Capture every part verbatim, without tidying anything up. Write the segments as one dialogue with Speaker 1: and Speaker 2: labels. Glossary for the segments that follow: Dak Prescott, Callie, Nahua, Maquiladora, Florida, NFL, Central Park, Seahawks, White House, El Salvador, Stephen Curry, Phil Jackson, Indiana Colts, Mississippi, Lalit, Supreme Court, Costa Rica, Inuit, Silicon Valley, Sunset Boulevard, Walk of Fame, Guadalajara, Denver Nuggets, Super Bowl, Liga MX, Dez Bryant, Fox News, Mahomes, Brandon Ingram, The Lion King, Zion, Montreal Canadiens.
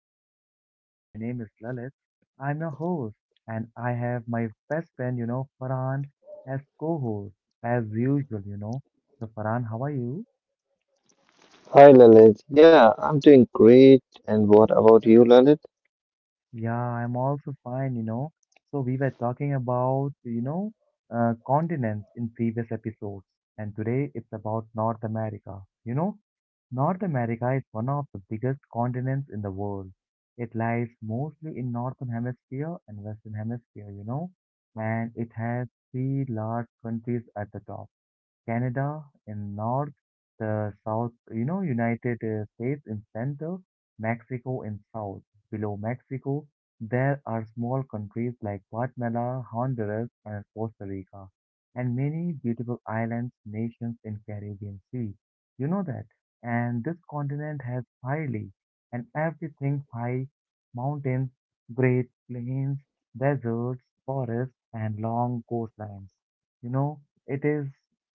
Speaker 1: are you guys doing? My name is Lalit. I'm your host, and I have my best friend, you know, Farhan, as co host, as usual, you know. So, Farhan, how are you?
Speaker 2: Hi Lalit. Yeah, I'm doing great. And what about you, Lalit?
Speaker 1: Yeah, I'm also fine, you know. So we were talking about, you know, uh, continents in previous episodes, and today it's about North America. You know, North America is one of the biggest continents in the world. It lies mostly in Northern Hemisphere and Western Hemisphere, you know, and it has three large countries at the top. Canada in north, the south, you know, United uh, States in center, Mexico in south. Below Mexico, there are small countries like Guatemala, Honduras, and Costa Rica, and many beautiful islands, nations in Caribbean Sea. You know that. And this continent has highly and everything high mountains, great plains, deserts, forests, and long coastlines. You know, it is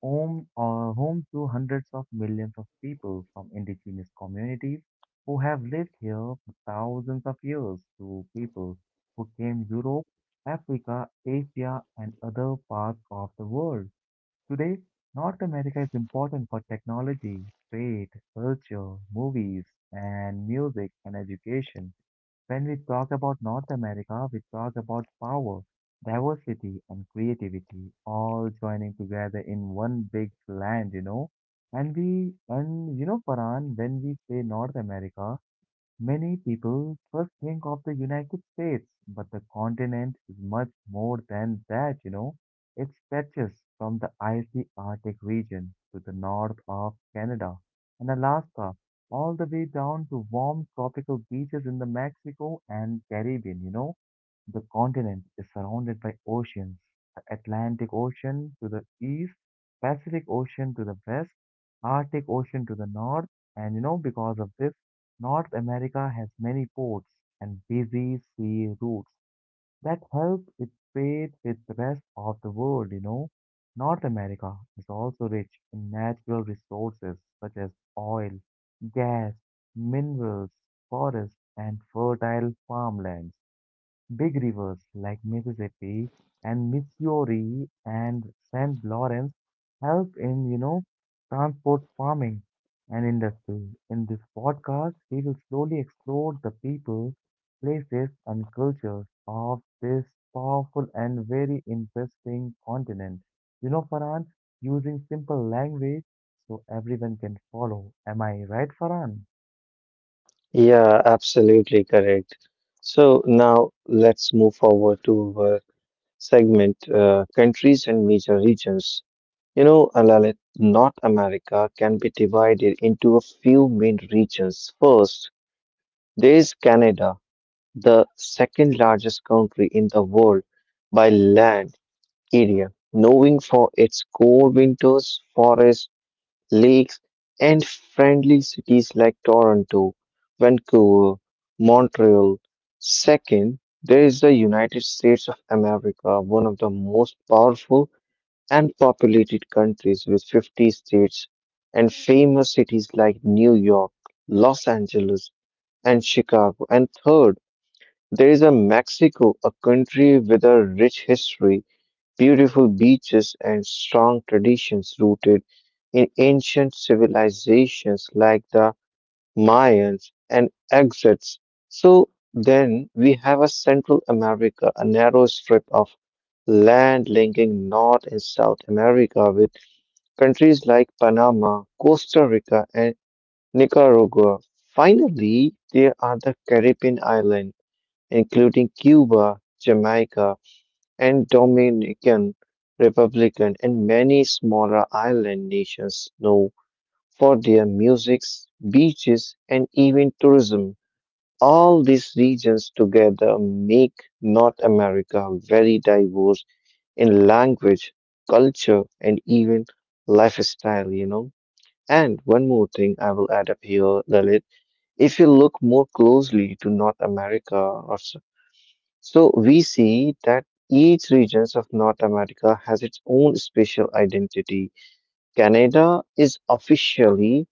Speaker 1: home, uh, home to hundreds of millions of people from indigenous communities who have lived here for thousands of years to people who came Europe, Africa, Asia, and other parts of the world. Today, North America is important for technology, trade, culture, movies, and music and education. When we talk about North America, we talk about power, diversity, and creativity all joining together in one big land, you know. And we, and you know, Paran, when we say North America, many people first think of the United States, but the continent is much more than that, you know. It stretches from the icy Arctic region to the north of Canada and Alaska, all the way down to warm tropical beaches in the Mexico and Caribbean, you know. The continent is surrounded by oceans, the Atlantic Ocean to the east, Pacific Ocean to the west, Arctic Ocean to the north, and you know, because of this, North America has many ports and busy sea routes that help it trade with the rest of the world, you know. North America is also rich in natural resources such as oil, gas, minerals, forests, and fertile farmlands. Big rivers like Mississippi and Missouri and Saint Lawrence help in, you know, transport farming and industry. In this podcast, we will slowly explore the people, places, and cultures of this powerful and very interesting continent. You know, Farhan, using simple language so everyone can follow. Am I right, Farhan?
Speaker 2: Yeah, absolutely correct. So now let's move forward to our segment uh, countries and major regions. You know, uh, Lalit, North America can be divided into a few main regions. First, there is Canada, the second largest country in the world by land area, knowing for its cold winters, forests, lakes, and friendly cities like Toronto, Vancouver, Montreal. Second, there is the United States of America, one of the most powerful and populated countries with fifty states and famous cities like New York, Los Angeles, and Chicago. And third, there is a Mexico, a country with a rich history, beautiful beaches, and strong traditions rooted in ancient civilizations like the Mayans and Aztecs. So then we have a Central America, a narrow strip of land linking North and South America with countries like Panama, Costa Rica, and Nicaragua. Finally, there are the Caribbean islands, including Cuba, Jamaica, and Dominican Republic and many smaller island nations know for their musics, beaches, and even tourism. All these regions together make North America very diverse in language, culture, and even lifestyle, you know. And one more thing I will add up here, Lalit. If you look more closely to North America or so, we see that each regions of North America has its own special identity. Canada is officially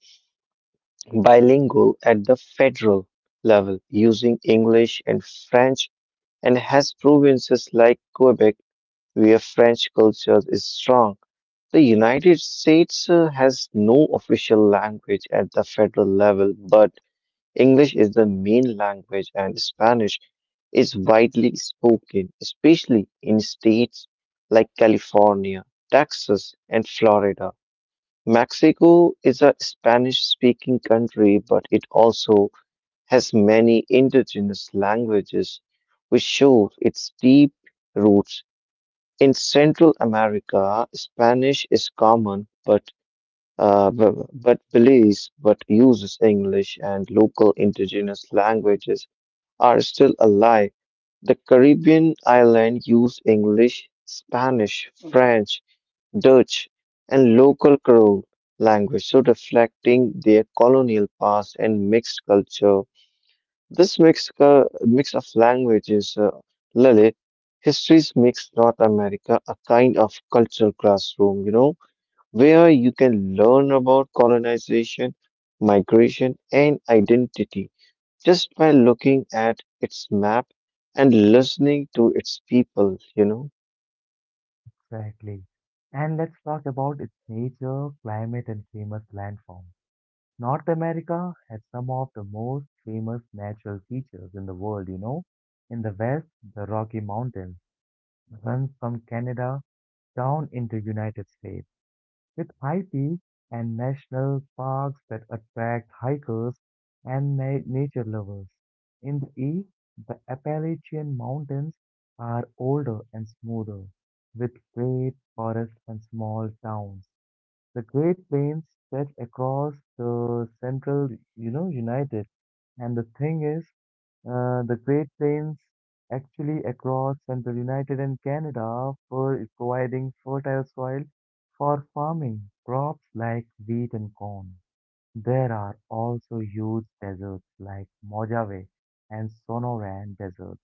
Speaker 2: bilingual at the federal level, using English and French, and has provinces like Quebec where French culture is strong. The United States uh, has no official language at the federal level, but English is the main language, and Spanish is widely spoken, especially in states like California, Texas, and Florida. Mexico is a Spanish speaking country, but it also has many indigenous languages, which shows its deep roots. In Central America, Spanish is common, but uh, b- but believes but uses English and local indigenous languages are still alive. The Caribbean islands use English, Spanish, French, Dutch, and local Creole language, so reflecting their colonial past and mixed culture. This mixed, cul- mix of languages, uh, Lalit, histories makes North America a kind of cultural classroom, you know, where you can learn about colonization, migration, and identity just by looking at its map and listening to its people, you know?
Speaker 1: Exactly. And let's talk about its nature, climate, and famous landforms. North America has some of the most famous natural features in the world, you know. In the west, the Rocky Mountains runs from Canada down into United States with high peaks and national parks that attract hikers and na- nature lovers. In the east, the Appalachian Mountains are older and smoother, with great forests and small towns. The Great Plains stretch across the central, you know, United. And the thing is, uh, the Great Plains actually across central United and Canada for is providing fertile soil for farming crops like wheat and corn. There are also huge deserts like Mojave and Sonoran deserts,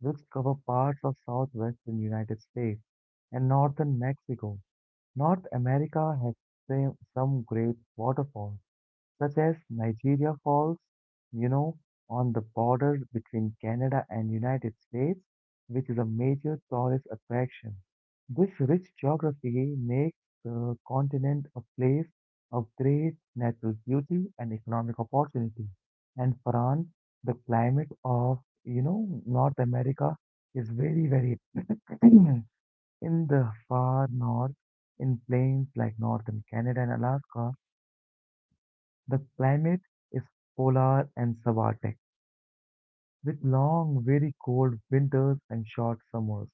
Speaker 1: which cover parts of southwestern United States and northern Mexico. North America has sa- some great waterfalls such as Nigeria Falls, you know, on the border between Canada and United States, which is a major tourist attraction. This rich geography makes the continent a place of great natural beauty and economic opportunity. And France, the climate of, you know, North America is very, very in the far north, in plains like northern Canada and Alaska, the climate is polar and subarctic, with long, very cold winters and short summers.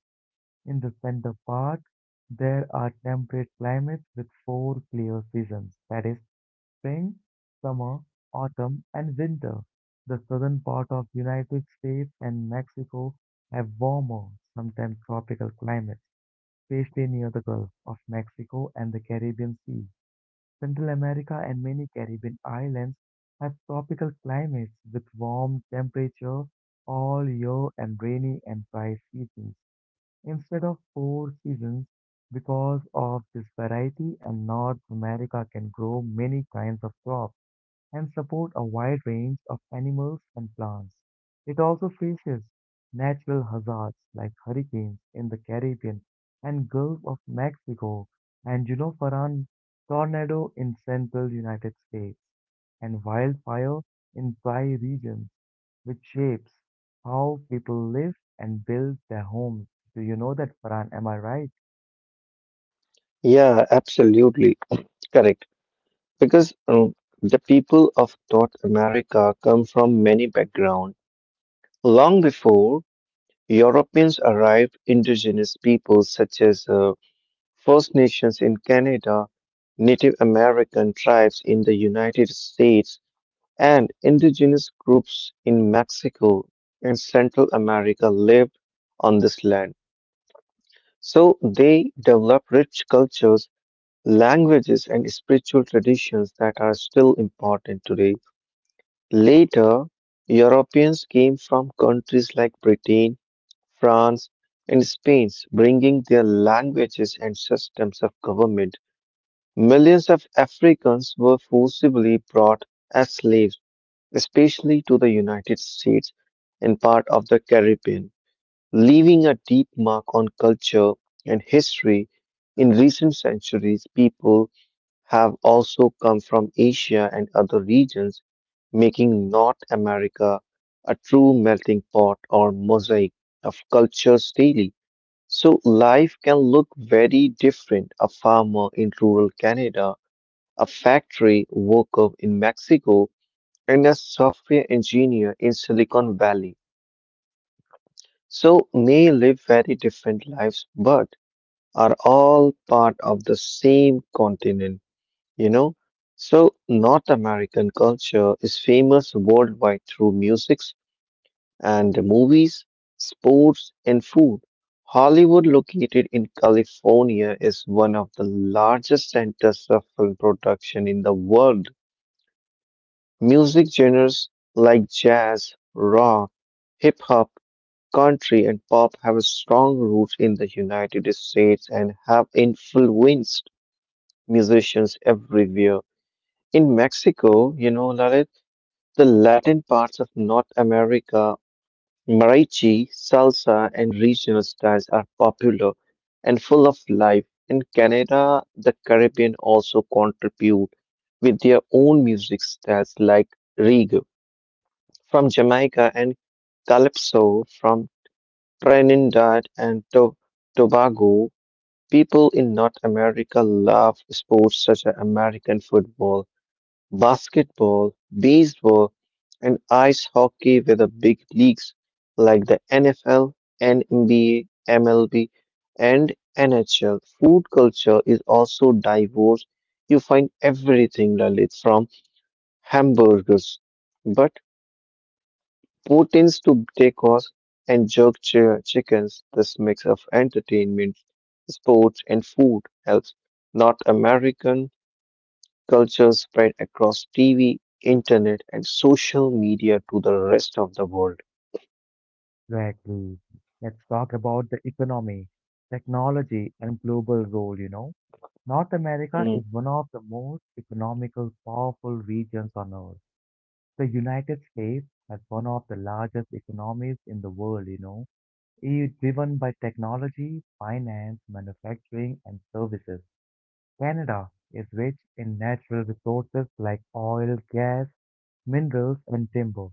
Speaker 1: In the center part, there are temperate climates with four clear seasons, that is, spring, summer, autumn, and winter. The southern part of United States and Mexico have warmer, sometimes tropical climates, especially near the Gulf of Mexico and the Caribbean Sea. Central America and many Caribbean islands have tropical climates with warm temperature all year and rainy and dry seasons instead of four seasons. Because of this variety, and North America can grow many kinds of crops and support a wide range of animals and plants. It also faces natural hazards like hurricanes in the Caribbean and Gulf of Mexico and you know Farhan tornado in central United States and wildfire in dry regions which shapes how people live and build their homes. Do you know that Farhan? Am I right?
Speaker 2: Yeah, absolutely. Correct. Because um, the people of North America come from many backgrounds. Long before Europeans arrived, indigenous peoples such as uh, First Nations in Canada, Native American tribes in the United States, and indigenous groups in Mexico and Central America lived on this land. So they develop rich cultures, languages, and spiritual traditions that are still important today. Later, Europeans came from countries like Britain, France, and Spain, bringing their languages and systems of government. Millions of Africans were forcibly brought as slaves, especially to the United States and part of the Caribbean, leaving a deep mark on culture and history. In recent centuries, people have also come from Asia and other regions, making North America a true melting pot or mosaic of cultures daily. So life can look very different. A farmer in rural Canada, a factory worker in Mexico, and a software engineer in Silicon Valley. So may live very different lives, but are all part of the same continent, you know? So, North American culture is famous worldwide through musics and movies, sports, and food. Hollywood, located in California, is one of the largest centers of film production in the world. Music genres like jazz, rock, hip hop, country, and pop have a strong roots in the United States and have influenced musicians everywhere. In Mexico, you know, Lalit, the Latin parts of North America, mariachi, salsa, and regional styles are popular and full of life. In Canada, the Caribbean also contribute with their own music styles like reggae from Jamaica and calypso from Trinidad and To- Tobago. People in North America love sports such as American football, basketball, baseball, and ice hockey with the big leagues like the NFL, NBA, MLB, and NHL. Food culture is also diverse. You find everything, Lalit, from hamburgers, but proteins to tacos and jerk chi- chickens. This mix of entertainment, sports, and food helps North American culture spread across T V, internet, and social media to the rest of the world.
Speaker 1: Exactly. Let's talk about the economy, technology and global role, you know. North America
Speaker 2: Mm.
Speaker 1: is one of the most economical, powerful regions on earth. The United States has one of the largest economies in the world, you know, is driven by technology, finance, manufacturing, and services. Canada is rich in natural resources like oil, gas, minerals, and timber,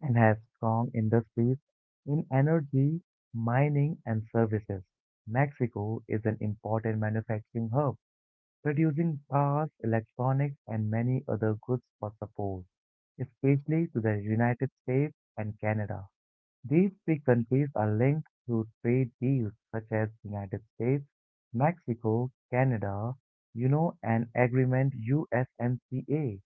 Speaker 1: and has strong industries in energy, mining, and services. Mexico is an important manufacturing hub reducing cars, electronics, and many other goods for support, especially to the United States and Canada. These three countries are linked through trade deals such as United States, Mexico, Canada, you know, and agreement U S M C A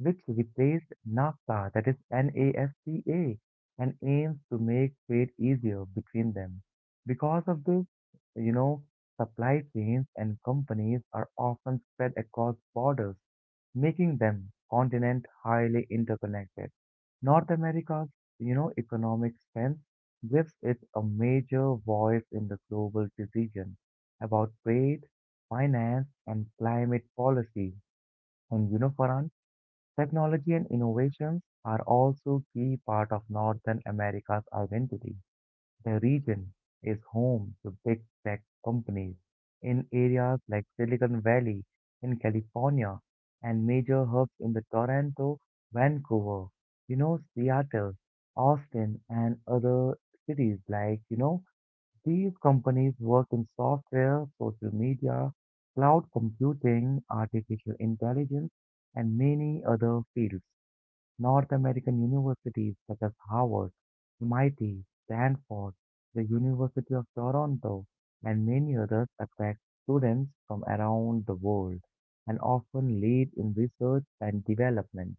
Speaker 1: which replaced NAFTA, that is NAFTA, and aims to make trade easier between them. Because of this, you know, supply chains and companies are often spread across borders, making them continent highly interconnected. North America's, you know, economic strength gives it a major voice in the global decision about trade, finance, and climate policy. And you know, Farhan, technology and innovations are also key part of Northern America's identity. The region is home to big tech companies in areas like Silicon Valley in California and major hubs in the Toronto, Vancouver, you know, Seattle, Austin and other cities like, you know, these companies work in software, social media, cloud computing, artificial intelligence, and many other fields. North American universities such as Harvard, M I T, Stanford, the University of Toronto, and many others attract students from around the world and often lead in research and development.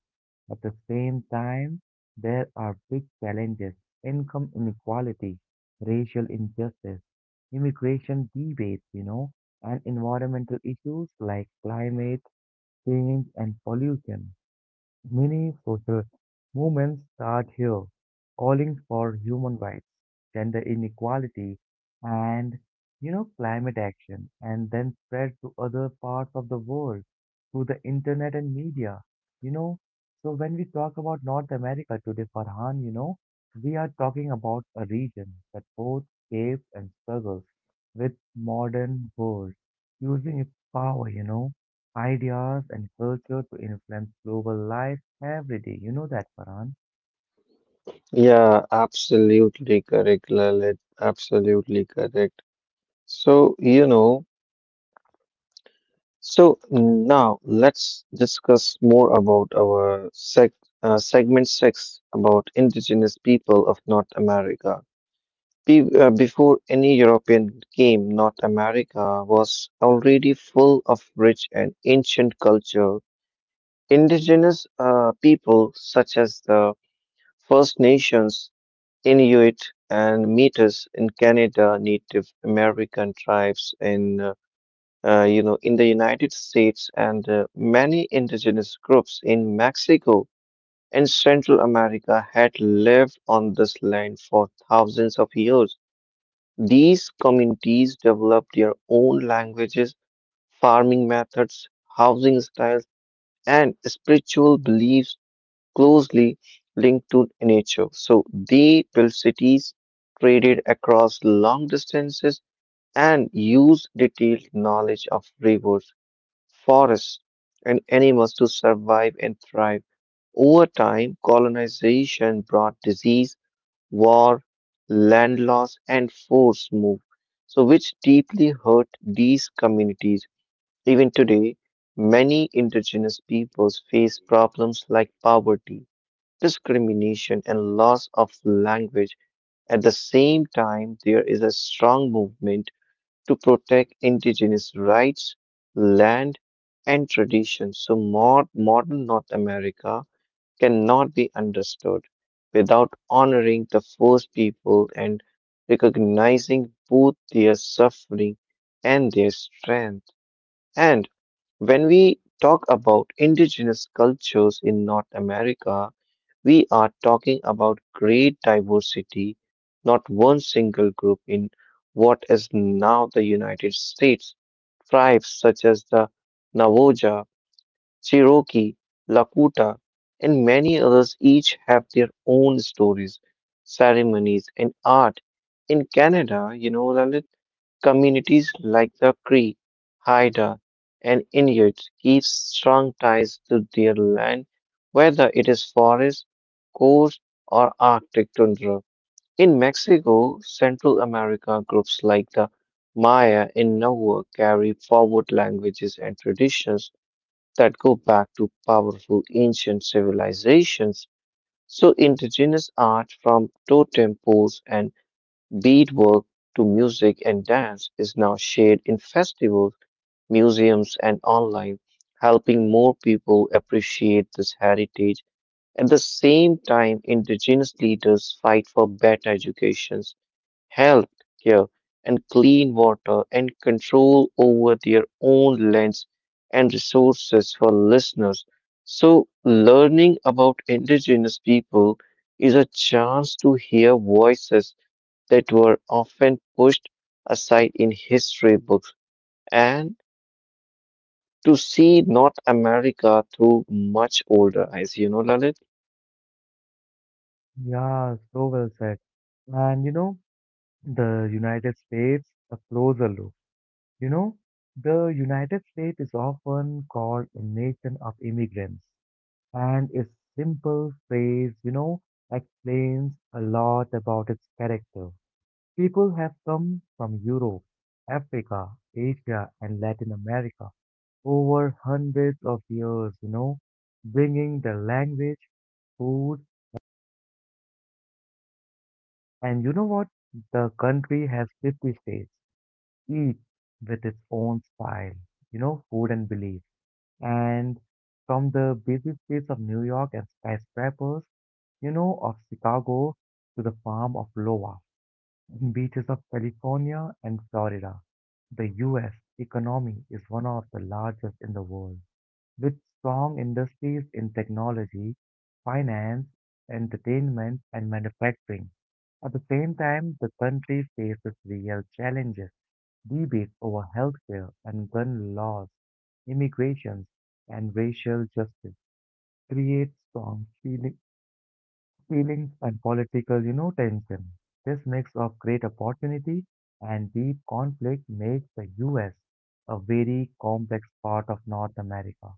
Speaker 1: At the same time, there are big challenges income inequality, racial injustice, immigration debates, you know, and environmental issues like climate change and pollution. Many social movements start here, calling for human rights, gender inequality, and you know climate action, and then spread to other parts of the world through the internet and media. You know, so when we talk about North America today, Farhan, you know, we are talking about a region that both shapes and struggles with modern world, using its power, you know ideas and culture to influence global life every day. You know that, Farhan?
Speaker 2: Yeah, absolutely correct, Lalit. Absolutely correct. So, you know, so now let's discuss more about our seg uh, segment six about indigenous people of North America. Be uh, Before any European came, North America was already full of rich and ancient culture. Indigenous uh, people such as the First Nations, Inuit, and Metis in Canada, Native American tribes in uh, uh, you know, in the United States, and uh, many indigenous groups in Mexico and Central America had lived on this land for thousands of years. These communities developed their own languages, farming methods, housing styles, and spiritual beliefs closely linked to nature, so they built cities, traded across long distances, and used detailed knowledge of rivers, forests, and animals to survive and thrive. Over time, colonization brought disease, war, land loss, and forced move, so which deeply hurt these communities. Even today, many indigenous peoples face problems like poverty, discrimination, and loss of language. At the same time, there is a strong movement to protect indigenous rights, land, and tradition. So, more, modern North America cannot be understood without honoring the first people and recognizing both their suffering and their strength. And when we talk about indigenous cultures in North America, we are talking about great diversity, not one single group in what is now the United States. Tribes such as the Navajo, Cherokee, Lakota, and many others each have their own stories, ceremonies, and art. In Canada, you know, Lalit, communities like the Cree, Haida, and Inuits keep strong ties to their land, whether it is forest, coast, or Arctic tundra. In Mexico, Central America, groups like the Maya in Nahua carry forward languages and traditions that go back to powerful ancient civilizations. So, indigenous art from totem poles and beadwork to music and dance is now shared in festivals, museums, and online, helping more people appreciate this heritage. At the same time, indigenous leaders fight for better educations, health care, and clean water, and control over their own lands and resources for listeners. So, learning about indigenous people is a chance to hear voices that were often pushed aside in history books and to see North America through much older eyes, you know, Lalit?
Speaker 1: Yeah, so well said. And you know, the United States, a closer look. You know, the United States is often called a nation of immigrants, and its simple phrase, you know, explains a lot about its character. People have come from Europe, Africa, Asia, and Latin America over hundreds of years, you know, bringing the language, food, and you know what? The country has fifty states, each with its own style, you know, food and belief. And from the busy streets of New York and skyscrapers, you know, of Chicago to the farm of Iowa, beaches of California and Florida, the U S economy is one of the largest in the world with strong industries in technology, finance, entertainment, and manufacturing. At the same time, the country faces real challenges, debates over healthcare and gun laws, immigrations, and racial justice create strong feeling, feelings and political, you know, tension. This mix of great opportunity and deep conflict makes the U S a very complex part of North America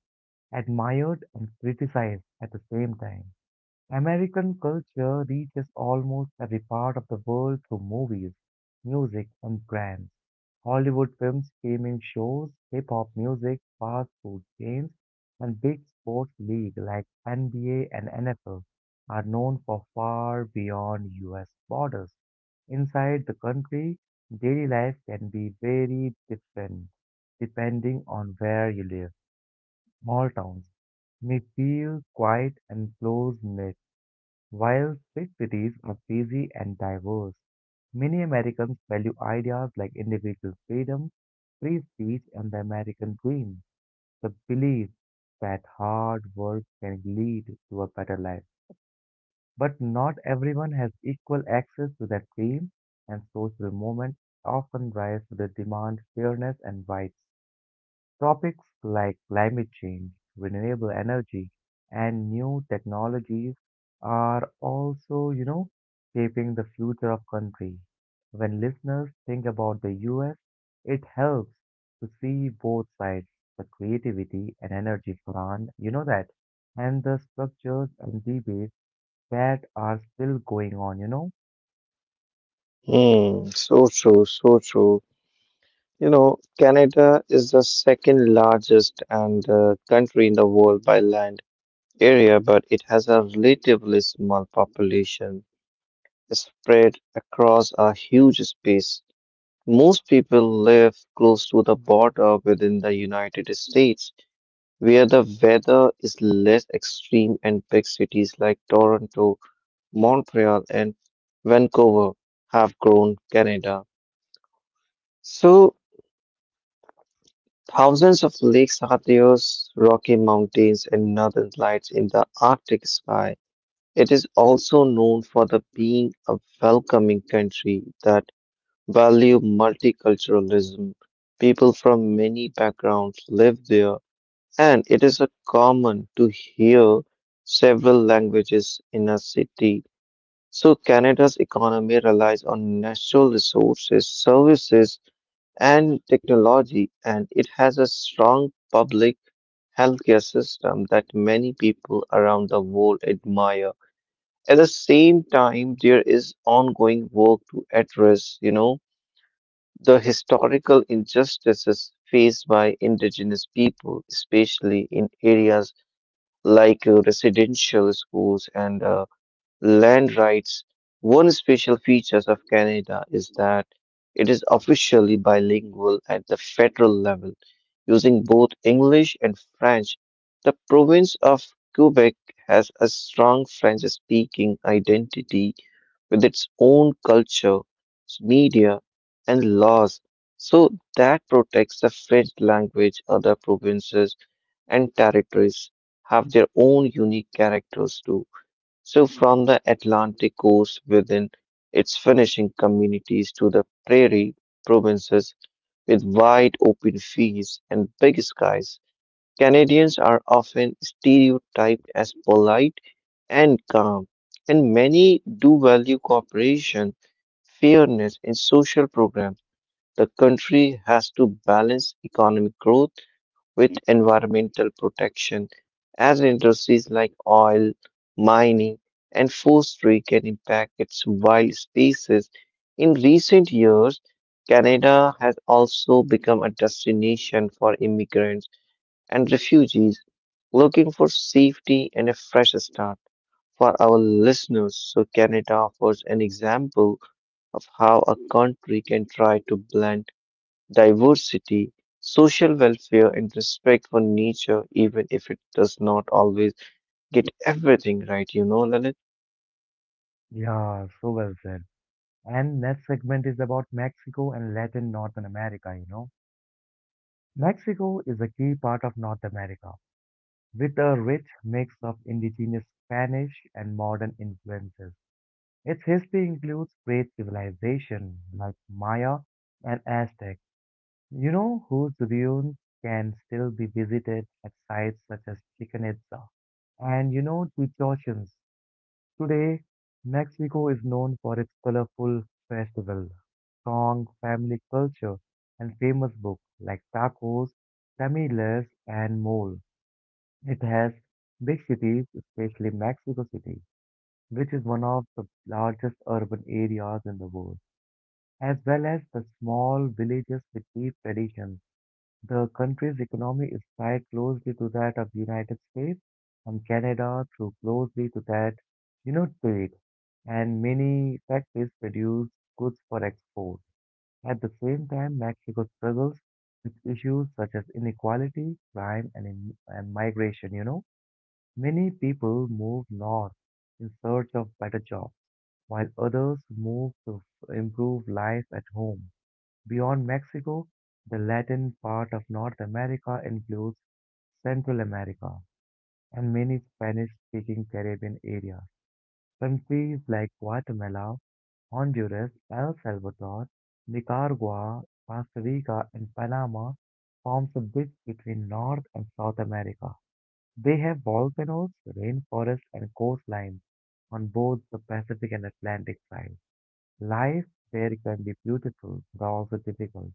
Speaker 1: admired and criticized at the same time. American culture reaches almost every part of the world through movies, music, and brands. Hollywood films, gaming shows, hip hop music, fast food chains, and big sports leagues like N B A and N F L are known for far beyond U S borders. Inside the country, daily life can be very different depending on where you live. Small towns may feel quiet and close-knit, while big cities are busy and diverse. Many Americans value ideas like individual freedom, free speech, and the American dream, the belief that hard work can lead to a better life. But not everyone has equal access to that dream, and social movements often rise to the demand fairness and rights. Topics like climate change, renewable energy, and new technologies are also, you know, shaping the future of country. When listeners think about the U S, it helps to see both sides, the creativity and energy front, you know that, and the structures and debates that are still going on, you know?
Speaker 2: Hmm, so true, so true. You know, Canada is the second largest and uh, country in the world by land area, but it has a relatively small population spread across a huge space. Most people live close to the border within the United States, where the weather is less extreme and big cities like Toronto, Montreal, and Vancouver have grown Canada. So, thousands of lakes are there, Rocky Mountains, and northern lights in the Arctic sky. It is also known for the being a welcoming country that value multiculturalism. People from many backgrounds live there and it is a common to hear several languages in a city. So Canada's economy relies on natural resources, services, and technology, and it has a strong public healthcare system that many people around the world admire. At the same time, there is ongoing work to address, you know, the historical injustices faced by indigenous people, especially in areas like uh, residential schools and uh, land rights. One special feature of Canada is that it is officially bilingual at the federal level, using both English and French. The province of Quebec has a strong French-speaking identity with its own culture, media, and laws, so that protects the French language. Other provinces and territories have their own unique characters too. So, from the Atlantic coast within its finishing communities to the prairie provinces with wide open fields and big skies, Canadians are often stereotyped as polite and calm, and many do value cooperation, fairness, and social programs. The country has to balance economic growth with environmental protection as industries like oil, mining, and forestry can impact its wild species. In recent years, Canada has also become a destination for immigrants and refugees looking for safety and a fresh start. For our listeners, so Canada offers an example of how a country can try to blend diversity, social welfare, and respect for nature, even if it does not always get everything right, you know, Lalit?
Speaker 1: Yeah, so well said. And next segment is about Mexico and Latin Northern America, you know. Mexico is a key part of North America, with a rich mix of indigenous Spanish and modern influences. Its history includes great civilizations like Maya and Aztec, you know, whose ruins can still be visited at sites such as Chichen Itza. And you know, the Today, Mexico is known for its colorful festivals, strong family culture, and famous books like tacos, tamales, and mole. It has big cities, especially Mexico City, which is one of the largest urban areas in the world, as well as the small villages with deep traditions. The country's economy is tied closely to that of the United States and Canada through closely to that, you know, trade. And many factories produce goods for export. At the same time, Mexico struggles with issues such as inequality, crime, and, in, and migration, you know. Many people move north in search of better jobs, while others move to f- improve life at home. Beyond Mexico, the Latin part of North America includes Central America and many Spanish-speaking Caribbean areas. Countries like Guatemala, Honduras, El Salvador, Nicaragua, Costa Rica, and Panama forms a bridge between North and South America. They have volcanoes, rainforests, and coastlines on both the Pacific and Atlantic sides. Life there can be beautiful, but also difficult.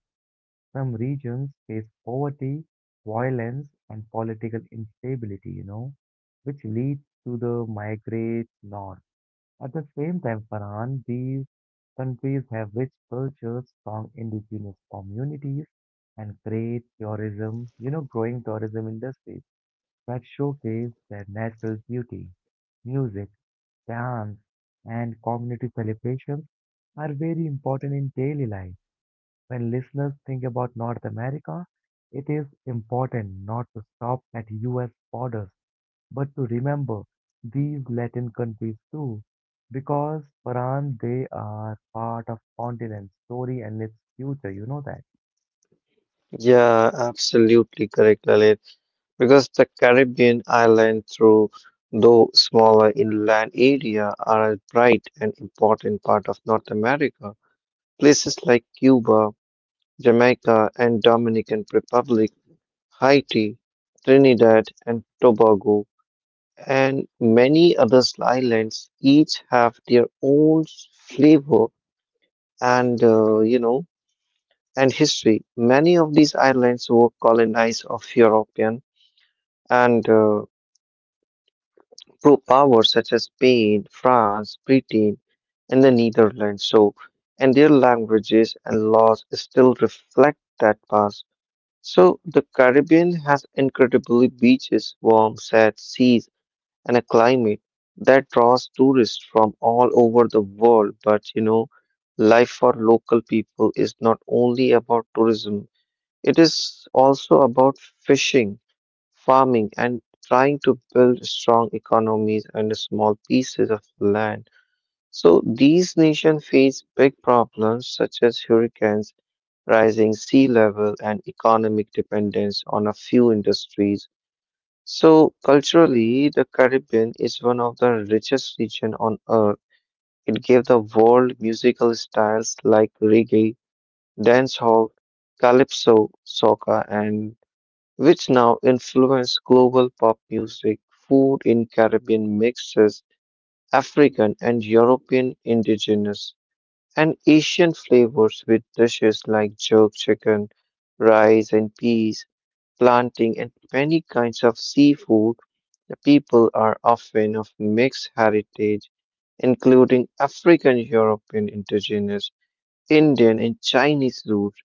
Speaker 1: Some regions face poverty, violence, and political instability, you know, which leads to the migrate north. At the same time, Farhan, these countries have rich cultures, strong indigenous communities, and great tourism, you know, growing tourism industries that showcase their natural beauty. Music, dance, and community celebrations are very important in daily life. When listeners think about North America, it is important not to stop at U S borders, but to remember these Latin countries too, because Paran they are part of continent's story and its future, you know that.
Speaker 2: Yeah, absolutely correct, Lalit. Because the Caribbean island, through though smaller inland area, are a bright and important part of North America. Places like Cuba, Jamaica, and Dominican Republic, Haiti, Trinidad and Tobago and many other islands each have their own flavor and uh, you know, and history. Many of these islands were colonized of European and uh, pro powers such as Spain, France, Britain, and the Netherlands. So, and their languages and laws still reflect that past. So, the Caribbean has incredibly beaches, warm, sad seas and a climate that draws tourists from all over the world. But you know, life for local people is not only about tourism, it is also about fishing, farming, and trying to build strong economies and small pieces of land. So these nations face big problems such as hurricanes, rising sea level, and economic dependence on a few industries so culturally, the Caribbean is one of the richest regions on earth. It gave the world musical styles like reggae, dancehall, calypso, soca, and which now influence global pop music. Food in Caribbean mixes African and European indigenous and Asian flavors with dishes like jerk chicken, rice, and peas planting, and many kinds of seafood. The people are often of mixed heritage, including African, European, indigenous, Indian, and Chinese roots.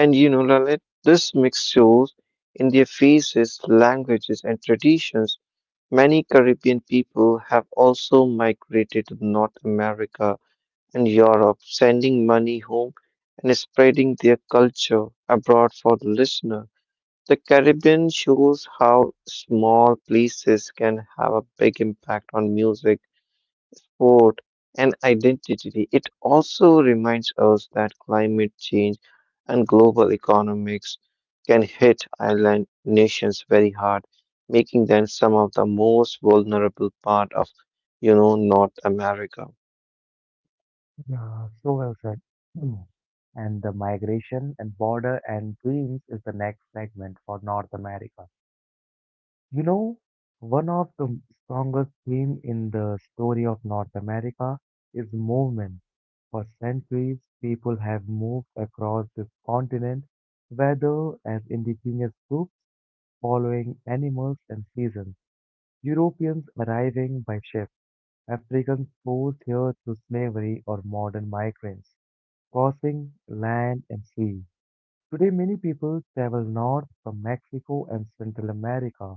Speaker 2: And you know, Lalit, this mix shows in their faces, languages, and traditions. Many Caribbean people have also migrated to North America and Europe, sending money home and spreading their culture abroad for the listener. The Caribbean shows how small places can have a big impact on music, sport, and identity. It also reminds us that climate change and global economics can hit island nations very hard, making them some of the most vulnerable part of, you know, North America.
Speaker 1: Yeah, so well said. Mm. And the migration and border and dreams is the next segment for North America. You know, One of the strongest theme in the story of North America is movement. For centuries, people have moved across this continent, whether as indigenous groups following animals and seasons, Europeans arriving by ship, Africans forced here through slavery or modern migrants, crossing land and sea. Today, many people travel north from Mexico and Central America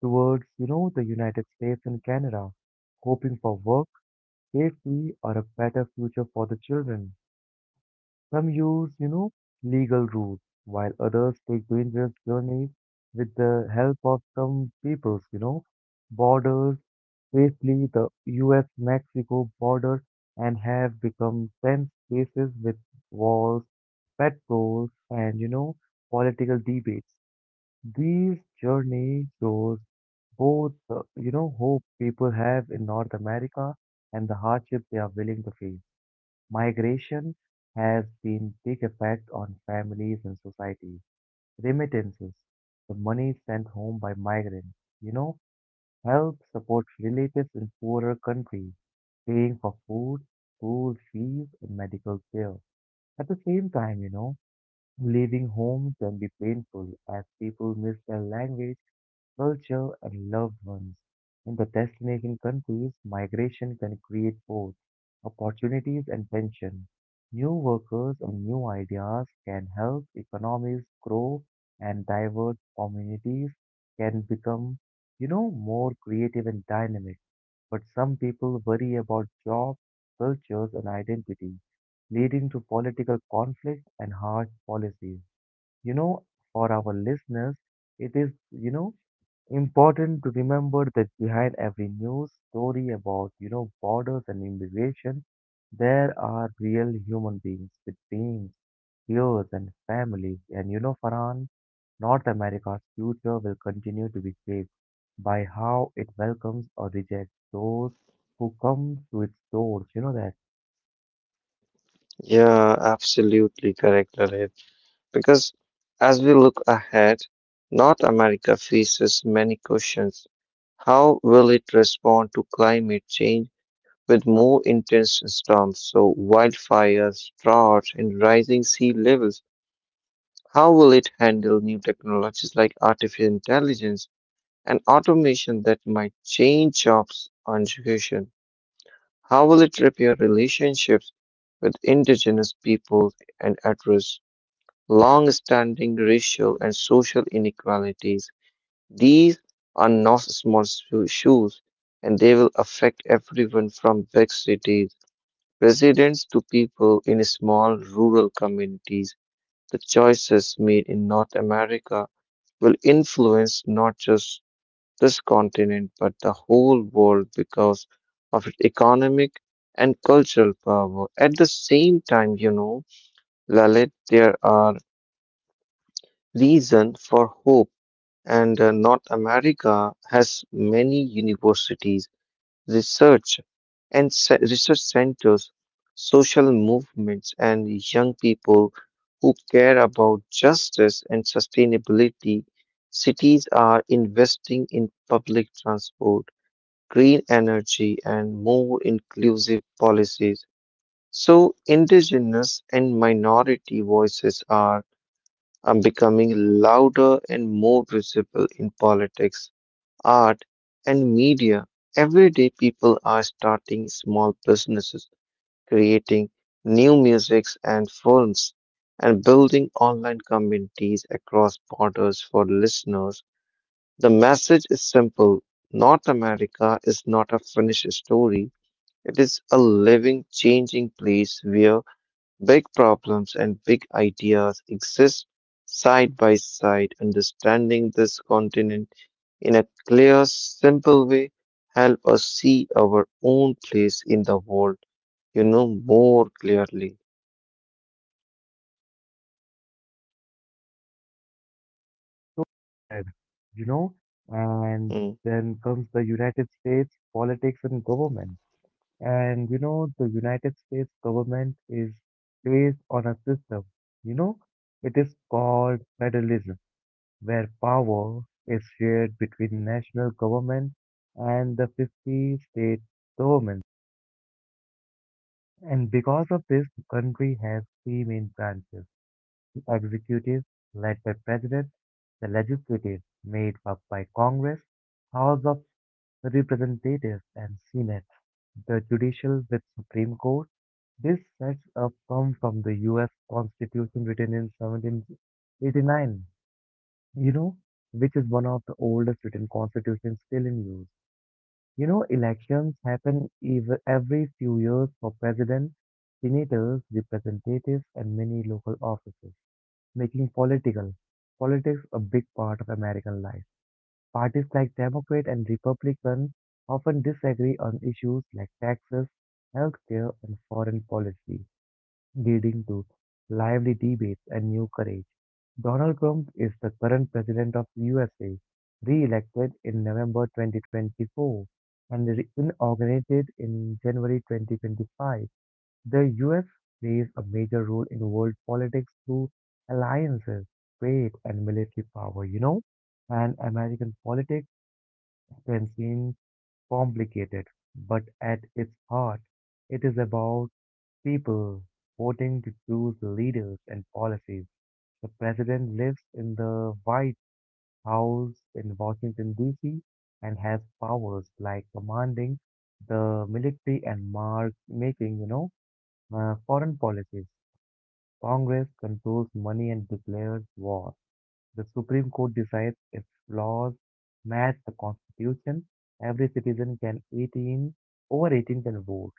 Speaker 1: towards, you know, the United States and Canada, hoping for work, safety, or a better future for the children. Some use, you know, legal routes, while others take dangerous journeys with the help of some peoples, you know, borders, especially the U S-Mexico border, and have become tense spaces with wars, patrols, and, you know, political debates. These journeys shows both, the, you know, hope people have in North America and the hardship they are willing to face. Migration has been big effect on families and society. Remittances, the money sent home by migrants, you know, help support relatives in poorer countries, paying for food, school fees, and medical care. At the same time, you know, leaving home can be painful as people miss their language culture, and loved ones. In the destination countries, migration can create both opportunities and tension. New workers and new ideas can help economies grow and diverse communities can become, you know, more creative and dynamic. But some people worry about jobs, cultures, and identity, leading to political conflict and harsh policies. You know, for our listeners, it is, you know, important to remember that behind every news story about you know borders and immigration there are real human beings with dreams fears and families and you know Farhan North America's future will continue to be shaped by how it welcomes or rejects those who come to its doors you know that.
Speaker 2: Yeah, absolutely correct, Lalit. Because as we look ahead, North America faces many questions. How will it respond to climate change with more intense storms, so wildfires, droughts, and rising sea levels? How will it handle new technologies like artificial intelligence and automation that might change jobs and education? How will it repair relationships with indigenous peoples and address long-standing racial and social inequalities. These are not small sho- issues, and they will affect everyone from big cities, residents to people in small rural communities. The choices made in North America will influence not just this continent but the whole world because of its economic and cultural power. At the same time, you know, Lalit, there are reasons for hope. And uh, North America has many universities, research and se- research centers, social movements, and young people who care about justice and sustainability. Cities are investing in public transport, green energy, and more inclusive policies. So, indigenous and minority voices are um, becoming louder and more visible in politics art, and media. Everyday people are starting small businesses, creating new musics and films, and building online communities across borders for listeners. The message is simple. North America is not a finished story. It is a living, changing place where big problems and big ideas exist side by side. Understanding this continent in a clear, simple way, help us see our own place in the world, you know, more clearly.
Speaker 1: So well said. you know and
Speaker 2: Mm.
Speaker 1: then comes the United States politics and government. And you know, the United States government is based on a system, you know, it is called federalism, where power is shared between national government and the fifty state governments. And because of this, the country has three main branches: the executive, led by president; the legislative, made up by Congress, House of representatives and senate; the judicial with Supreme Court. This sets up come from the U S Constitution written in seventeen eighty-nine, you know, which is one of the oldest written constitutions still in use. You know, elections happen ev- every few years for president, senators, representatives, and many local offices, making political politics a big part of American life. Parties like Democrat and Republican often disagree on issues like taxes, healthcare, and foreign policy, leading to lively debates and new courage. Donald Trump is the current president of U S A, re-elected in November twenty twenty-four and re- inaugurated in January twenty twenty-five. The U S plays a major role in world politics through alliances, trade, and military power, you know? And American politics can seem complicated, but at its heart, it is about people voting to choose leaders and policies. The president lives in the White House in Washington, D C, and has powers like commanding the military and mark making, you know, uh, foreign policies. Congress controls money and declares war. The Supreme Court decides if laws match the Constitution. Every citizen can eighteen over eighteen can vote,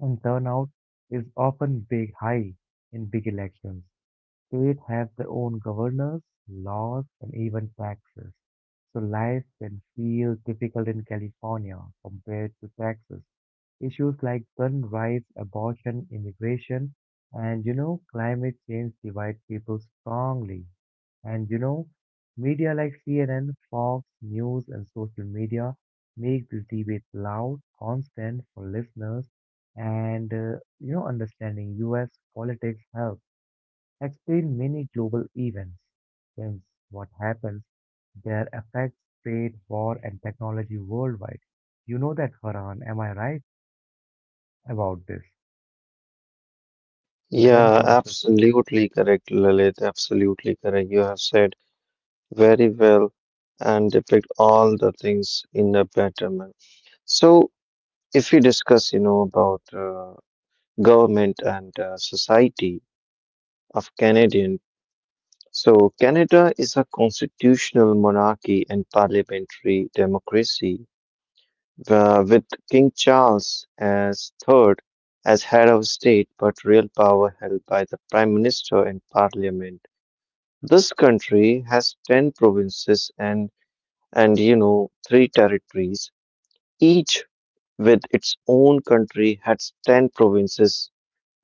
Speaker 1: and turnout is often big high in big elections. States have their own governors, laws, and even taxes. So life can feel difficult in California compared to Texas. Issues like gun rights, abortion, immigration, and you know, climate change divide people strongly. And you know, media like C N N, Fox News, and social media make this debate loud, constant for listeners, and uh, you know, understanding U S politics helps explain many global events, since what happens, their effects, trade, war, and technology worldwide. You know that, Farhan, am I right about this? Then
Speaker 2: Yeah,
Speaker 1: comes this.
Speaker 2: absolutely correct, Lalit. Absolutely correct. You have said very well and depict all the things in a better manner. So, if we discuss, you know, about uh, government and uh, society of Canadian, so Canada is a constitutional monarchy and parliamentary democracy uh, with King Charles as third as head of state, but real power held by the prime minister and parliament. This country has ten provinces and and you know three territories each with its own country has ten provinces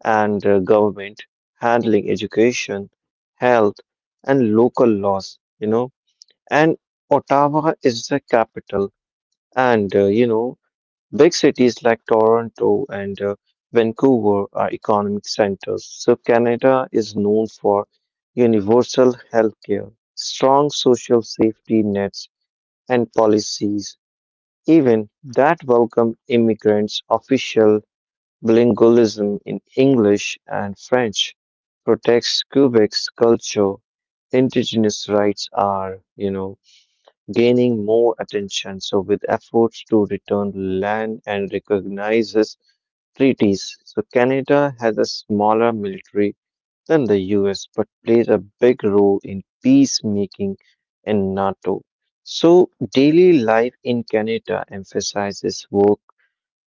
Speaker 2: and uh, government handling education health and local laws you know and ottawa is the capital and uh, you know big cities like Toronto and uh, Vancouver are economic centers, so Canada is known for universal healthcare, strong social safety nets, and policies even that welcome immigrants. Official bilingualism in English and French protects Quebec's culture. Indigenous rights are, you know, gaining more attention. So, with efforts to return land and recognizes treaties. So, Canada has a smaller military than the U S but plays a big role in peacemaking and NATO. So, daily life in Canada emphasizes work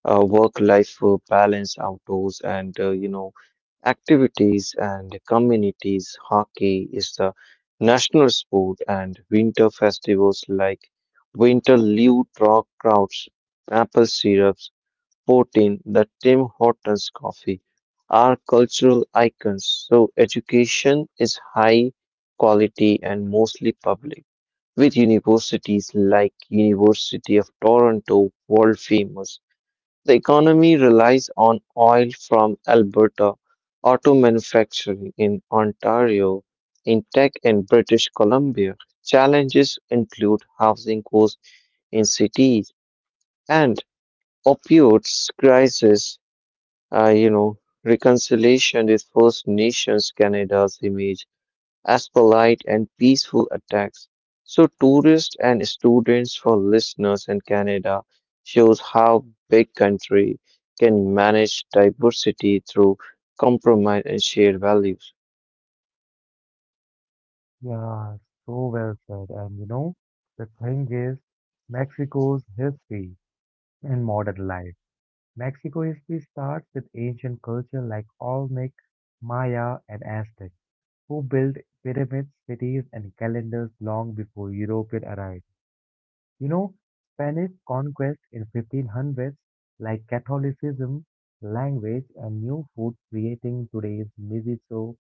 Speaker 2: uh, work-life uh, balance, outdoors, and uh, you know activities and communities. Hockey is the national sport, and winter festivals like Winter Liu Rock Crowds, Apple Syrups, fourteen, the Tim Hortons coffee are cultural icons. So education is high quality and mostly public, with universities like University of Toronto world famous the economy relies on oil from Alberta, auto manufacturing in Ontario, in tech in British Columbia. Challenges include housing costs in cities and opioids crisis. Uh, you know, Reconciliation with First Nations Canada's image as polite and peaceful attacks. So, tourists and students for listeners in Canada shows how big country can manage diversity through compromise and shared values.
Speaker 1: Yeah, so well said. And you know, the thing is, Mexico's history and modern life. Mexico history starts with ancient culture like Olmec, Maya, and Aztec, who built pyramids, cities, and calendars long before European arrived. You know, Spanish conquest in fifteen hundreds, like Catholicism, language, and new food creating today's miso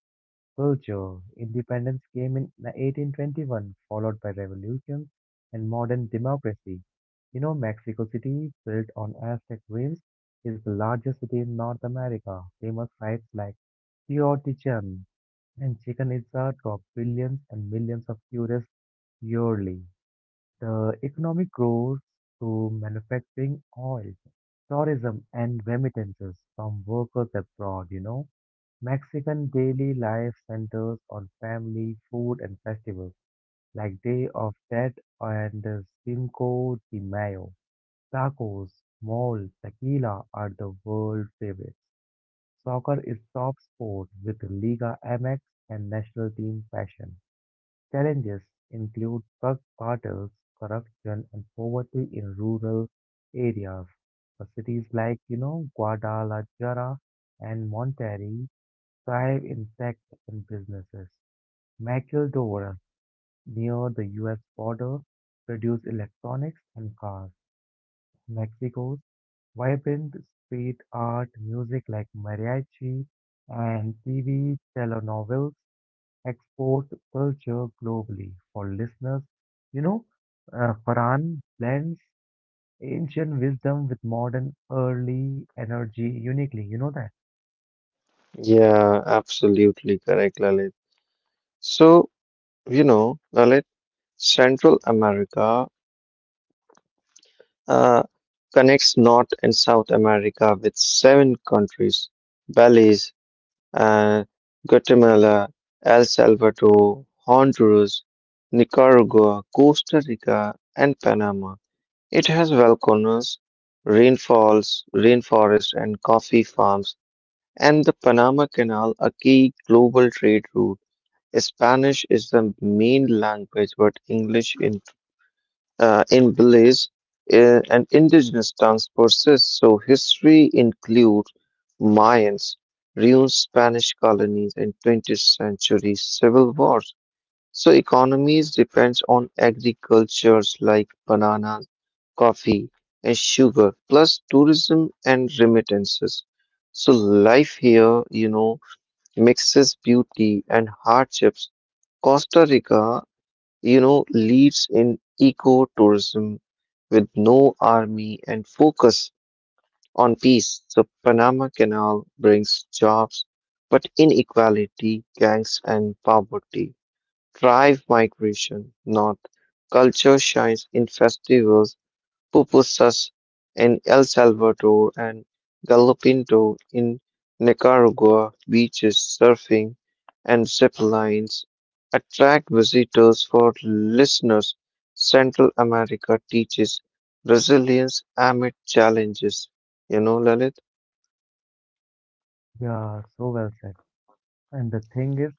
Speaker 1: culture. Independence came in eighteen twenty-one, followed by revolutions and modern democracy. You know, Mexico City, built on Aztec ruins, is the largest city in North America. Famous sites like Teotihuacan and Chichen Itza draw billions and millions of tourists yearly. The economic growth through manufacturing oil, tourism, and remittances from workers abroad, you know, Mexican daily life centers on family, food, and festivals like Day of Dead and uh, Cinco de Mayo. Tacos, mole, tequila are the world favorites. Soccer is top sport with Liga M X and national team fashion. Challenges include drug cartels, corruption, and poverty in rural areas. The cities like, you know, Guadalajara and Monterrey thrive in tech and businesses. Maquiladora, near the U S border, produce electronics and cars. Mexico's vibrant street art music like mariachi and T V telenovelas export culture globally. For listeners, you know, uh, Farhan blends ancient wisdom with modern early energy uniquely. You know that?
Speaker 2: Yeah, absolutely correct, Lalit. So, you know, Lalit, Central America uh, connects North and South America with seven countries Belize, and Guatemala, El Salvador, Honduras, Nicaragua, Costa Rica, and Panama. It has volcanoes, rainfalls, rainforests, and coffee farms, and the Panama Canal, a key global trade route. Spanish is the main language, but English in uh, in village uh, and indigenous tongues persist. So history includes Mayans, ruined Spanish colonies, and twentieth century civil wars. So economies depends on agricultures like bananas, coffee, and sugar, plus tourism and remittances. So life here, you know, mixes beauty and hardships. Costa Rica you know, leads in eco-tourism with no army and focus on peace. So Panama Canal brings jobs, but inequality, gangs and poverty drive migration, not culture shines in festivals pupusas in El Salvador and galopinto in Nicaragua. Beaches, surfing, and zip lines attract visitors for listeners. Central America teaches resilience amid challenges. You know, Lalit?
Speaker 1: Yeah, so well said. And the thing is,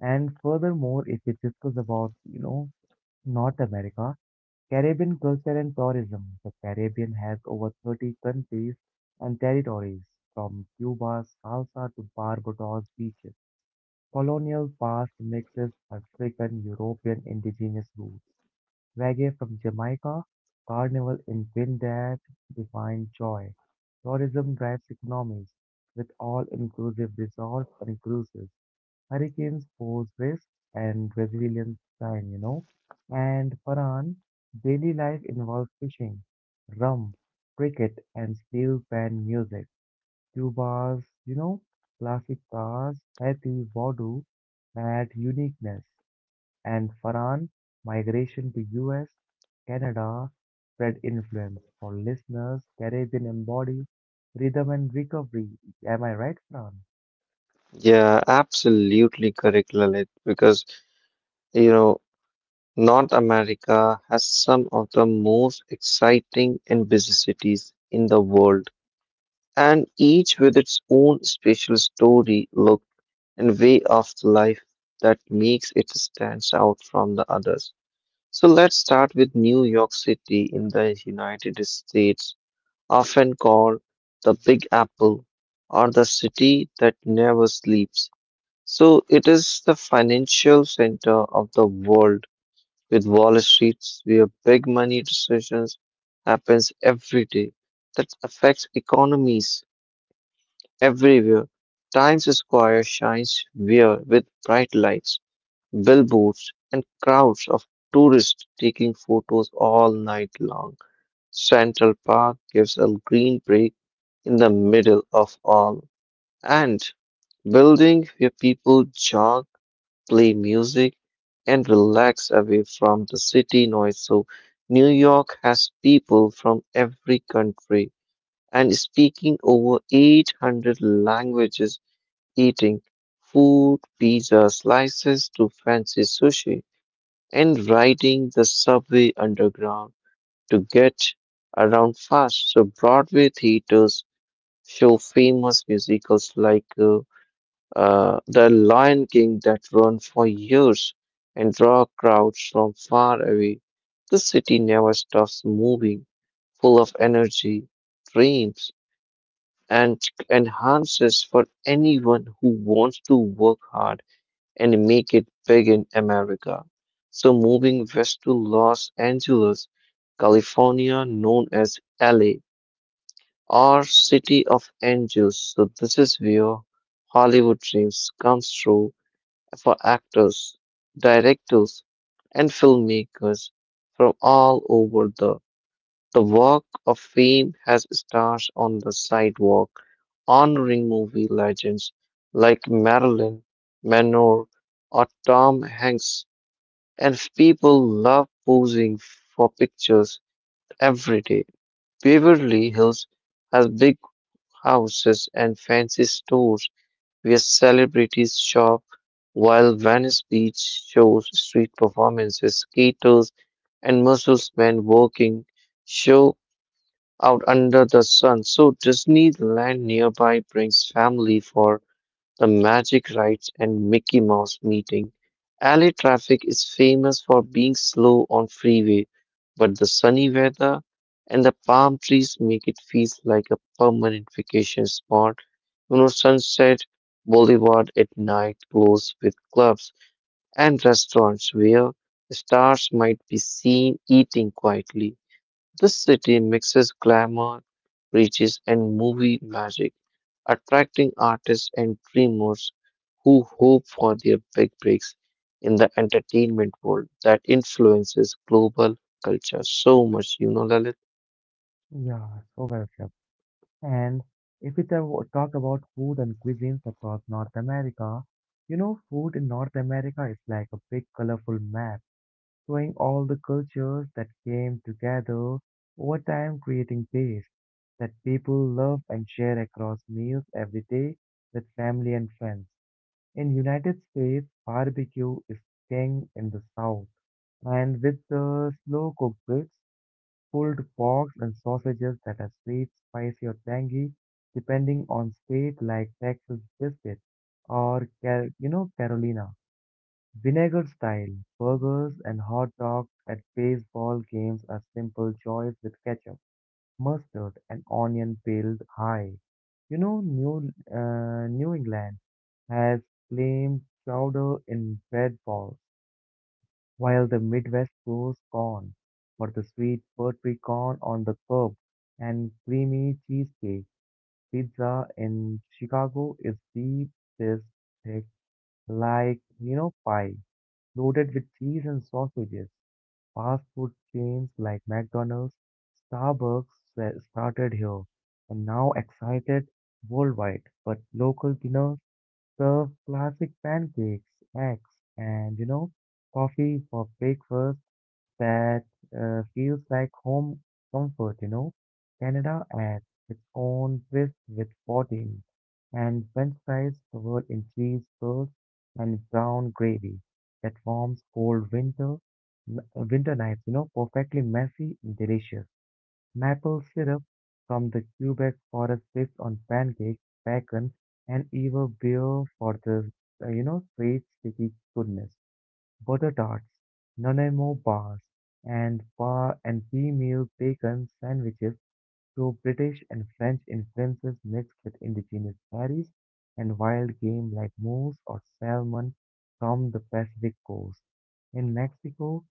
Speaker 1: and furthermore, if we discuss about, you know, North America, Caribbean culture and tourism. The Caribbean has over thirty countries and territories, from Cuba's salsa to Barbados beaches. Colonial past mixes African European indigenous roots, reggae from Jamaica, carnival in Trinidad define joy. Tourism drives economies with all-inclusive resorts and cruises. Hurricanes pose risk and resilience time, you know. And Farhan, daily life involves fishing, rum, cricket, and steel pan music. Cuba's, you know, classic cars, heavy voodoo, add uniqueness. And Farhan, migration to U S, Canada, spread influence. For listeners, Caribbean embodies rhythm and recovery. Am I right, Farhan?
Speaker 2: Yeah, absolutely correct, Lalit, because you know, North America has some of the most exciting and busy cities in the world. And each with its own special story, look, and way of life that makes it stands out from the others. So let's start with New York City in the United States, often called the Big Apple or the city that never sleeps. So it is the financial center of the world with Wall Street where big money decisions happens every day that affects economies everywhere. Times Square shines where with bright lights, billboards, and crowds of tourists taking photos all night long. Central Park gives a green break in the middle of all, and building where people jog, play music, and relax away from the city noise. So, New York has people from every country and speaking over eight hundred languages eating food, pizza slices to fancy sushi, and riding the subway underground to get around fast. So, Broadway theaters show famous musicals like uh, uh, The Lion King that run for years and draw crowds from far away. The city never stops moving, full of energy, dreams, and enhances for anyone who wants to work hard and make it big in America. So, moving west to Los Angeles, California, known as L A or City of Angels. So, this is where Hollywood dreams comes true for actors, directors, and filmmakers from all over the the Walk of Fame has stars on the sidewalk, honoring movie legends like Marilyn Monroe or Tom Hanks, and people love posing for pictures every day. Beverly Hills has big houses and fancy stores where celebrities shop, while Venice Beach shows street performances, skaters, and musclemen working show out under the sun. So Disneyland nearby brings family for the magic rides and Mickey Mouse meeting. L A traffic is famous for being slow on freeway, but the sunny weather and the palm trees make it feel like a permanent vacation spot. You know, Sunset Boulevard at night glows with clubs and restaurants where stars might be seen eating quietly. This city mixes glamour, riches, and movie magic, attracting artists and dreamers who hope for their big breaks in the entertainment world that influences global culture so much, you know, Lalit?
Speaker 1: Yeah, so well said. And if we ta- talk about food and cuisines across North America, you know, food in North America is like a big colorful map showing all the cultures that came together over time, creating tastes that people love and share across meals every day with family and friends. In United States, barbecue is king in the South, and with the slow-cooked ribs, pulled porks and sausages that are sweet, spicy, or tangy, depending on state like Texas brisket or Car- you know Carolina. Vinegar-style burgers and hot dogs at baseball games are simple choice with ketchup, mustard, and onion piled high. You know, New uh, New England has claimed chowder in bread balls, while the Midwest grows corn for the sweet buttery corn on the curb and creamy cheesecake. Pizza in Chicago is deep dish like, you know, pie, loaded with cheese and sausages. Fast food chains like McDonald's, Starbucks sa- started here and now excited worldwide. But local dinners serve classic pancakes, eggs, and you know, coffee for breakfast that uh, feels like home comfort, you know. Canada adds its own twist with poutine and french fries covered in cheese curds and brown gravy that forms cold winter winter nights, you know, perfectly messy and delicious. Maple syrup from the Quebec forest sits on pancakes, bacon, and even beer for the, uh, you know, sweet, sticky goodness butter tarts, Nanaimo bars, and par and female bacon sandwiches through British and French influences mixed with indigenous berries and wild game like moose or salmon from the Pacific coast. In Mexico,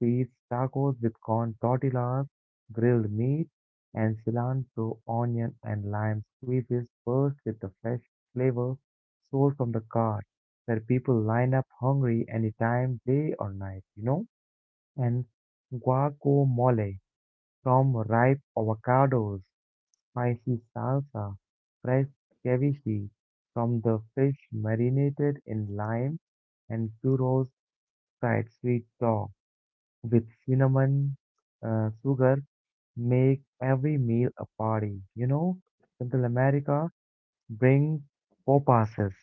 Speaker 1: Feast tacos with corn tortillas, grilled meat, and cilantro, onion, and lime squeezes burst with the fresh flavor sold from the cart, where people line up hungry anytime, day or night, you know? And guacamole from ripe avocados, spicy salsa, fresh ceviche from the fish marinated in lime, and churros fried sweet sauce with cinnamon, uh, sugar, make every meal a party. You know, Central America brings popasas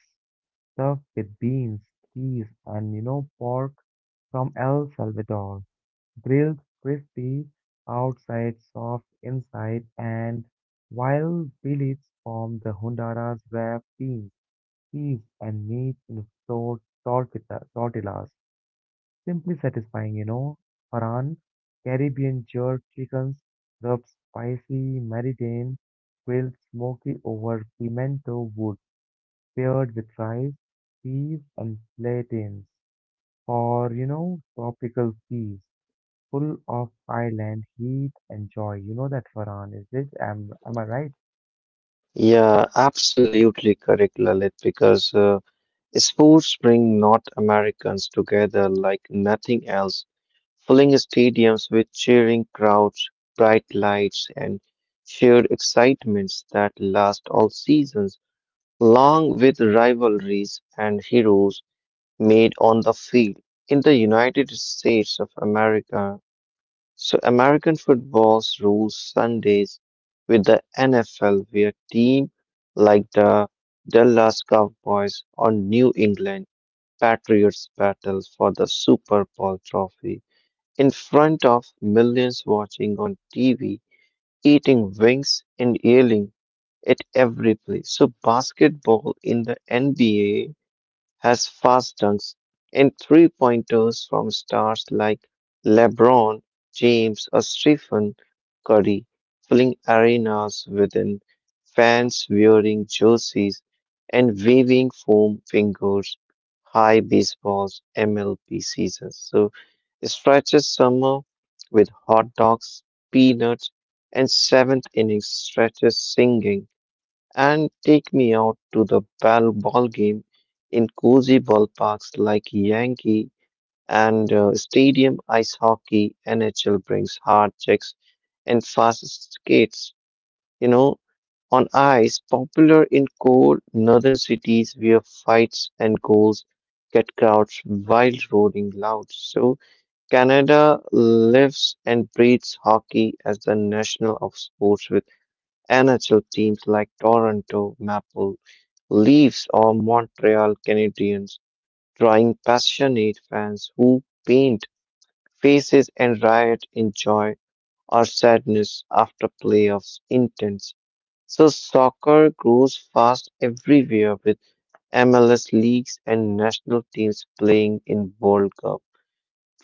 Speaker 1: stuffed with beans, cheese, and you know, pork from El Salvador, grilled crispy outside, soft inside, and while billets from the Honduras wrap beans, cheese, and meat in flour tortita- tortillas. Simply satisfying, you know. Paran, Caribbean jerk chickens, rubbed spicy maridane, grilled smoky over pimento wood, paired with rice, peas, and plantains. For, you know, tropical seas, full of island heat and joy. You know that, Farhan, is it? Am, am I right?
Speaker 2: Yeah, absolutely correct, Lalit, because uh, sports bring North Americans together like nothing else. Filling stadiums with cheering crowds, bright lights, and shared excitements that last all seasons, along with rivalries and heroes made on the field. In the United States of America, so American football's rules Sundays with the N F L, where teams like the Dallas Cowboys or New England Patriots battle for the Super Bowl trophy in front of millions watching on T V, eating wings and yelling at every play. So basketball in the N B A has fast dunks and three pointers from stars like LeBron James or Stephen Curry arenas within fans wearing jerseys and waving foam fingers. High baseball's M L B season. So it stretches summer with hot dogs, peanuts, and seventh inning stretches singing and take me out to the ball ball game in cozy ballparks like Yankee and uh, stadium ice hockey. N H L brings hard checks and fast skates you know, on ice, popular in cold northern cities where fights and goals get crowds wild roaring loud. So Canada lives and breathes hockey as the national of sports with N H L teams like Toronto Maple Leafs or Montreal Canadiens, drawing passionate fans who paint faces and riot in joy or sadness after playoffs intense so soccer grows fast everywhere with M L S leagues and national teams playing in World Cup.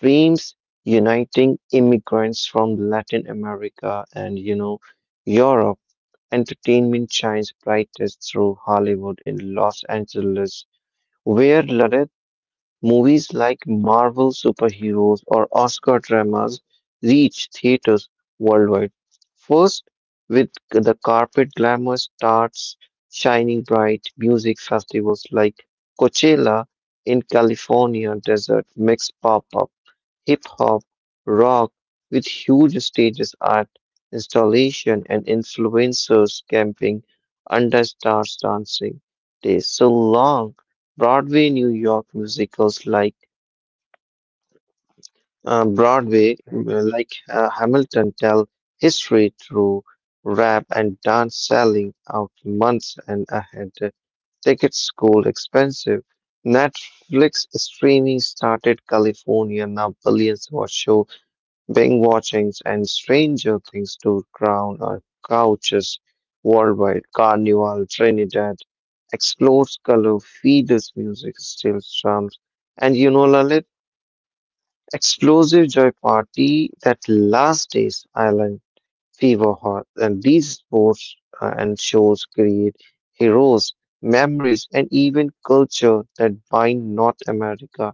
Speaker 2: Dreams uniting immigrants from Latin America and you know Europe. Entertainment shines brightest through Hollywood in Los Angeles, where Lalit Movies like Marvel superheroes or Oscar dramas reach theaters worldwide. First, with the carpet glamour starts shining bright, music festivals like Coachella in California desert mix pop up hip hop, rock, with huge stages, art installation, and influencers camping under stars dancing days. So long, Broadway New York musicals like uh, Broadway,
Speaker 1: Exactly.
Speaker 2: mm, like uh, Hamilton, tell history through rap and dance, selling out months and ahead. Tickets gold expensive. Netflix streaming started California, now billions watch shows Binge watchings and Stranger Things to crown our couches worldwide. Carnival Trinidad explodes color, feeders music still strums, and you know Lalit, explosive joy party that last days island fever heart. And these sports uh, and shows create heroes, memories, and even culture that bind North America.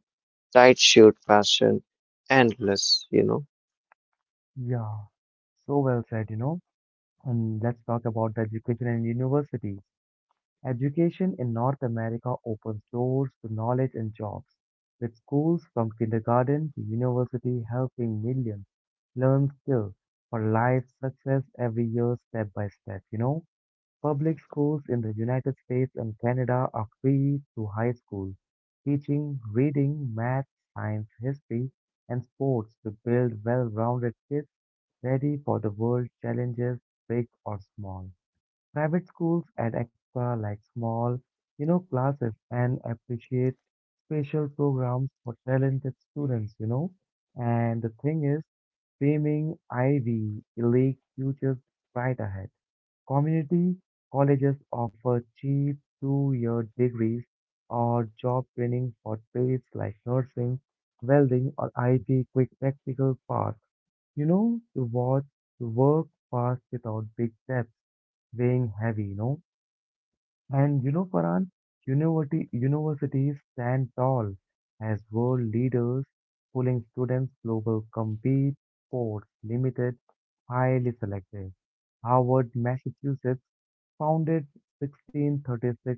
Speaker 2: Tight shirt fashion, endless, you know.
Speaker 1: Yeah, so well said, you know. And let's talk about the education and universities. Education in North America opens doors to knowledge and jobs, with schools from kindergarten to university helping millions learn skills for life success every year step by step, you know. Public schools in the United States and Canada are free through high school, teaching reading, math, science, history, and sports to build well-rounded kids ready for the world challenges, big or small. Private schools add extra, like small, you know, classes and appreciate special programs for talented students, you know. And the thing is, framing Ivy League futures bright ahead. Community colleges offer cheap two-year degrees or job training for trades like nursing, welding, or I T quick practical paths. You know, to watch the work pass without big steps weighing heavy, you know. And you know, Farhan, university, universities stand tall as world leaders, pulling students global compete, sports limited, highly selective. Harvard, Massachusetts, founded sixteen thirty-six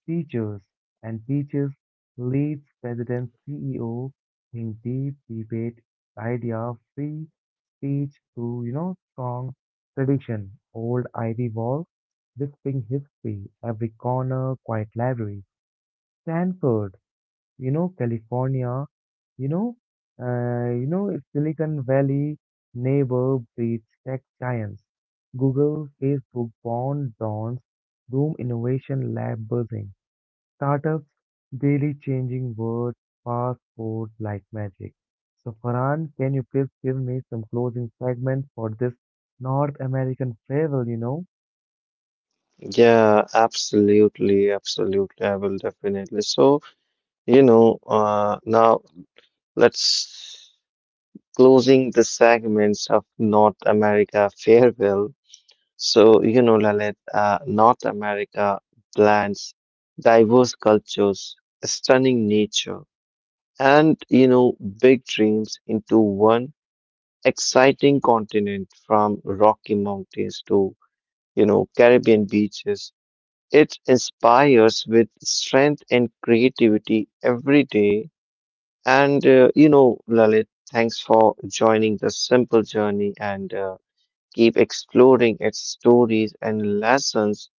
Speaker 1: teachers, and teachers leads President C E O in deep debate idea of free speech to you know strong tradition. Old Ivy Wall, whispering history, every corner, quiet library. Stanford, you know California, you know, uh, you know Silicon Valley neighbor breeds tech giants. Google, Facebook, Bond, Dons, Doom Innovation Lab buzzing. Startups daily changing words fast forward like magic. So Farhan, can you please give me some closing segment for this North American travel, you know?
Speaker 2: Yeah, absolutely, absolutely. I will definitely. So, you know, uh, now let's closing the segments of North America farewell. So, you know, Lalit, uh, North America blends diverse cultures, stunning nature, and, you know, big dreams into one exciting continent from Rocky Mountains to, you know, Caribbean beaches. It inspires with strength and creativity every day. And uh, you know, Lalit, thanks for joining the simple journey and uh, keep exploring its stories and lessons.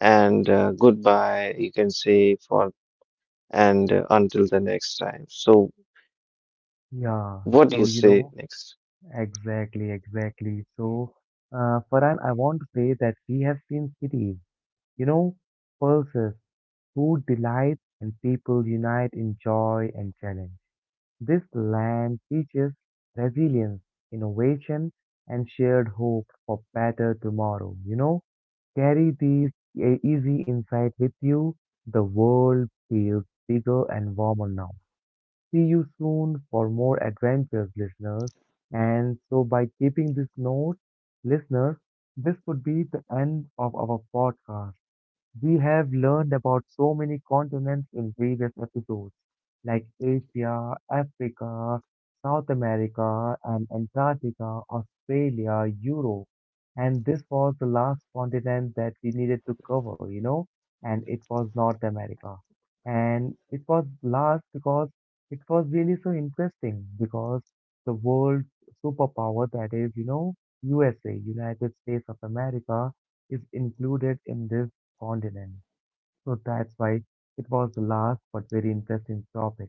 Speaker 2: And uh, goodbye, you can say for and uh, until the next time. So,
Speaker 1: Yeah,
Speaker 2: what do
Speaker 1: so
Speaker 2: you
Speaker 1: you
Speaker 2: say
Speaker 1: know,
Speaker 2: next?
Speaker 1: exactly, exactly. So, uh, Farhan, I want to say that we have seen cities, you know, pulses, food delights, and people unite in joy and challenge. This land teaches resilience, innovation, and shared hope for better tomorrow. You know, carry these e- easy insight with you. The world feels bigger and warmer now. See you soon for more adventures, listeners. And so, by keeping this note, listeners, this would be the end of our podcast. We have learned about so many continents in previous episodes, like Asia, Africa, South America, and Antarctica, Australia, Europe. And this was the last continent that we needed to cover, you know, and it was North America. And it was last because it was really so interesting because the world superpower that is, you know, U S A, United States of America, is included in this continent. So that's why it was the last but very interesting topic.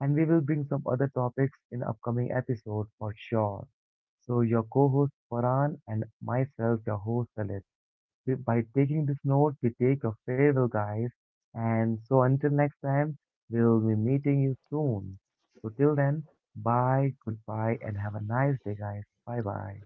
Speaker 1: And we will bring some other topics in upcoming episode for sure. So your co-host Farhan and myself, your host Lalit. We- By taking this note, we take your farewell, guys. And so until next time, we'll be meeting you soon. So till then, bye, goodbye, and have a nice day, guys. Bye bye.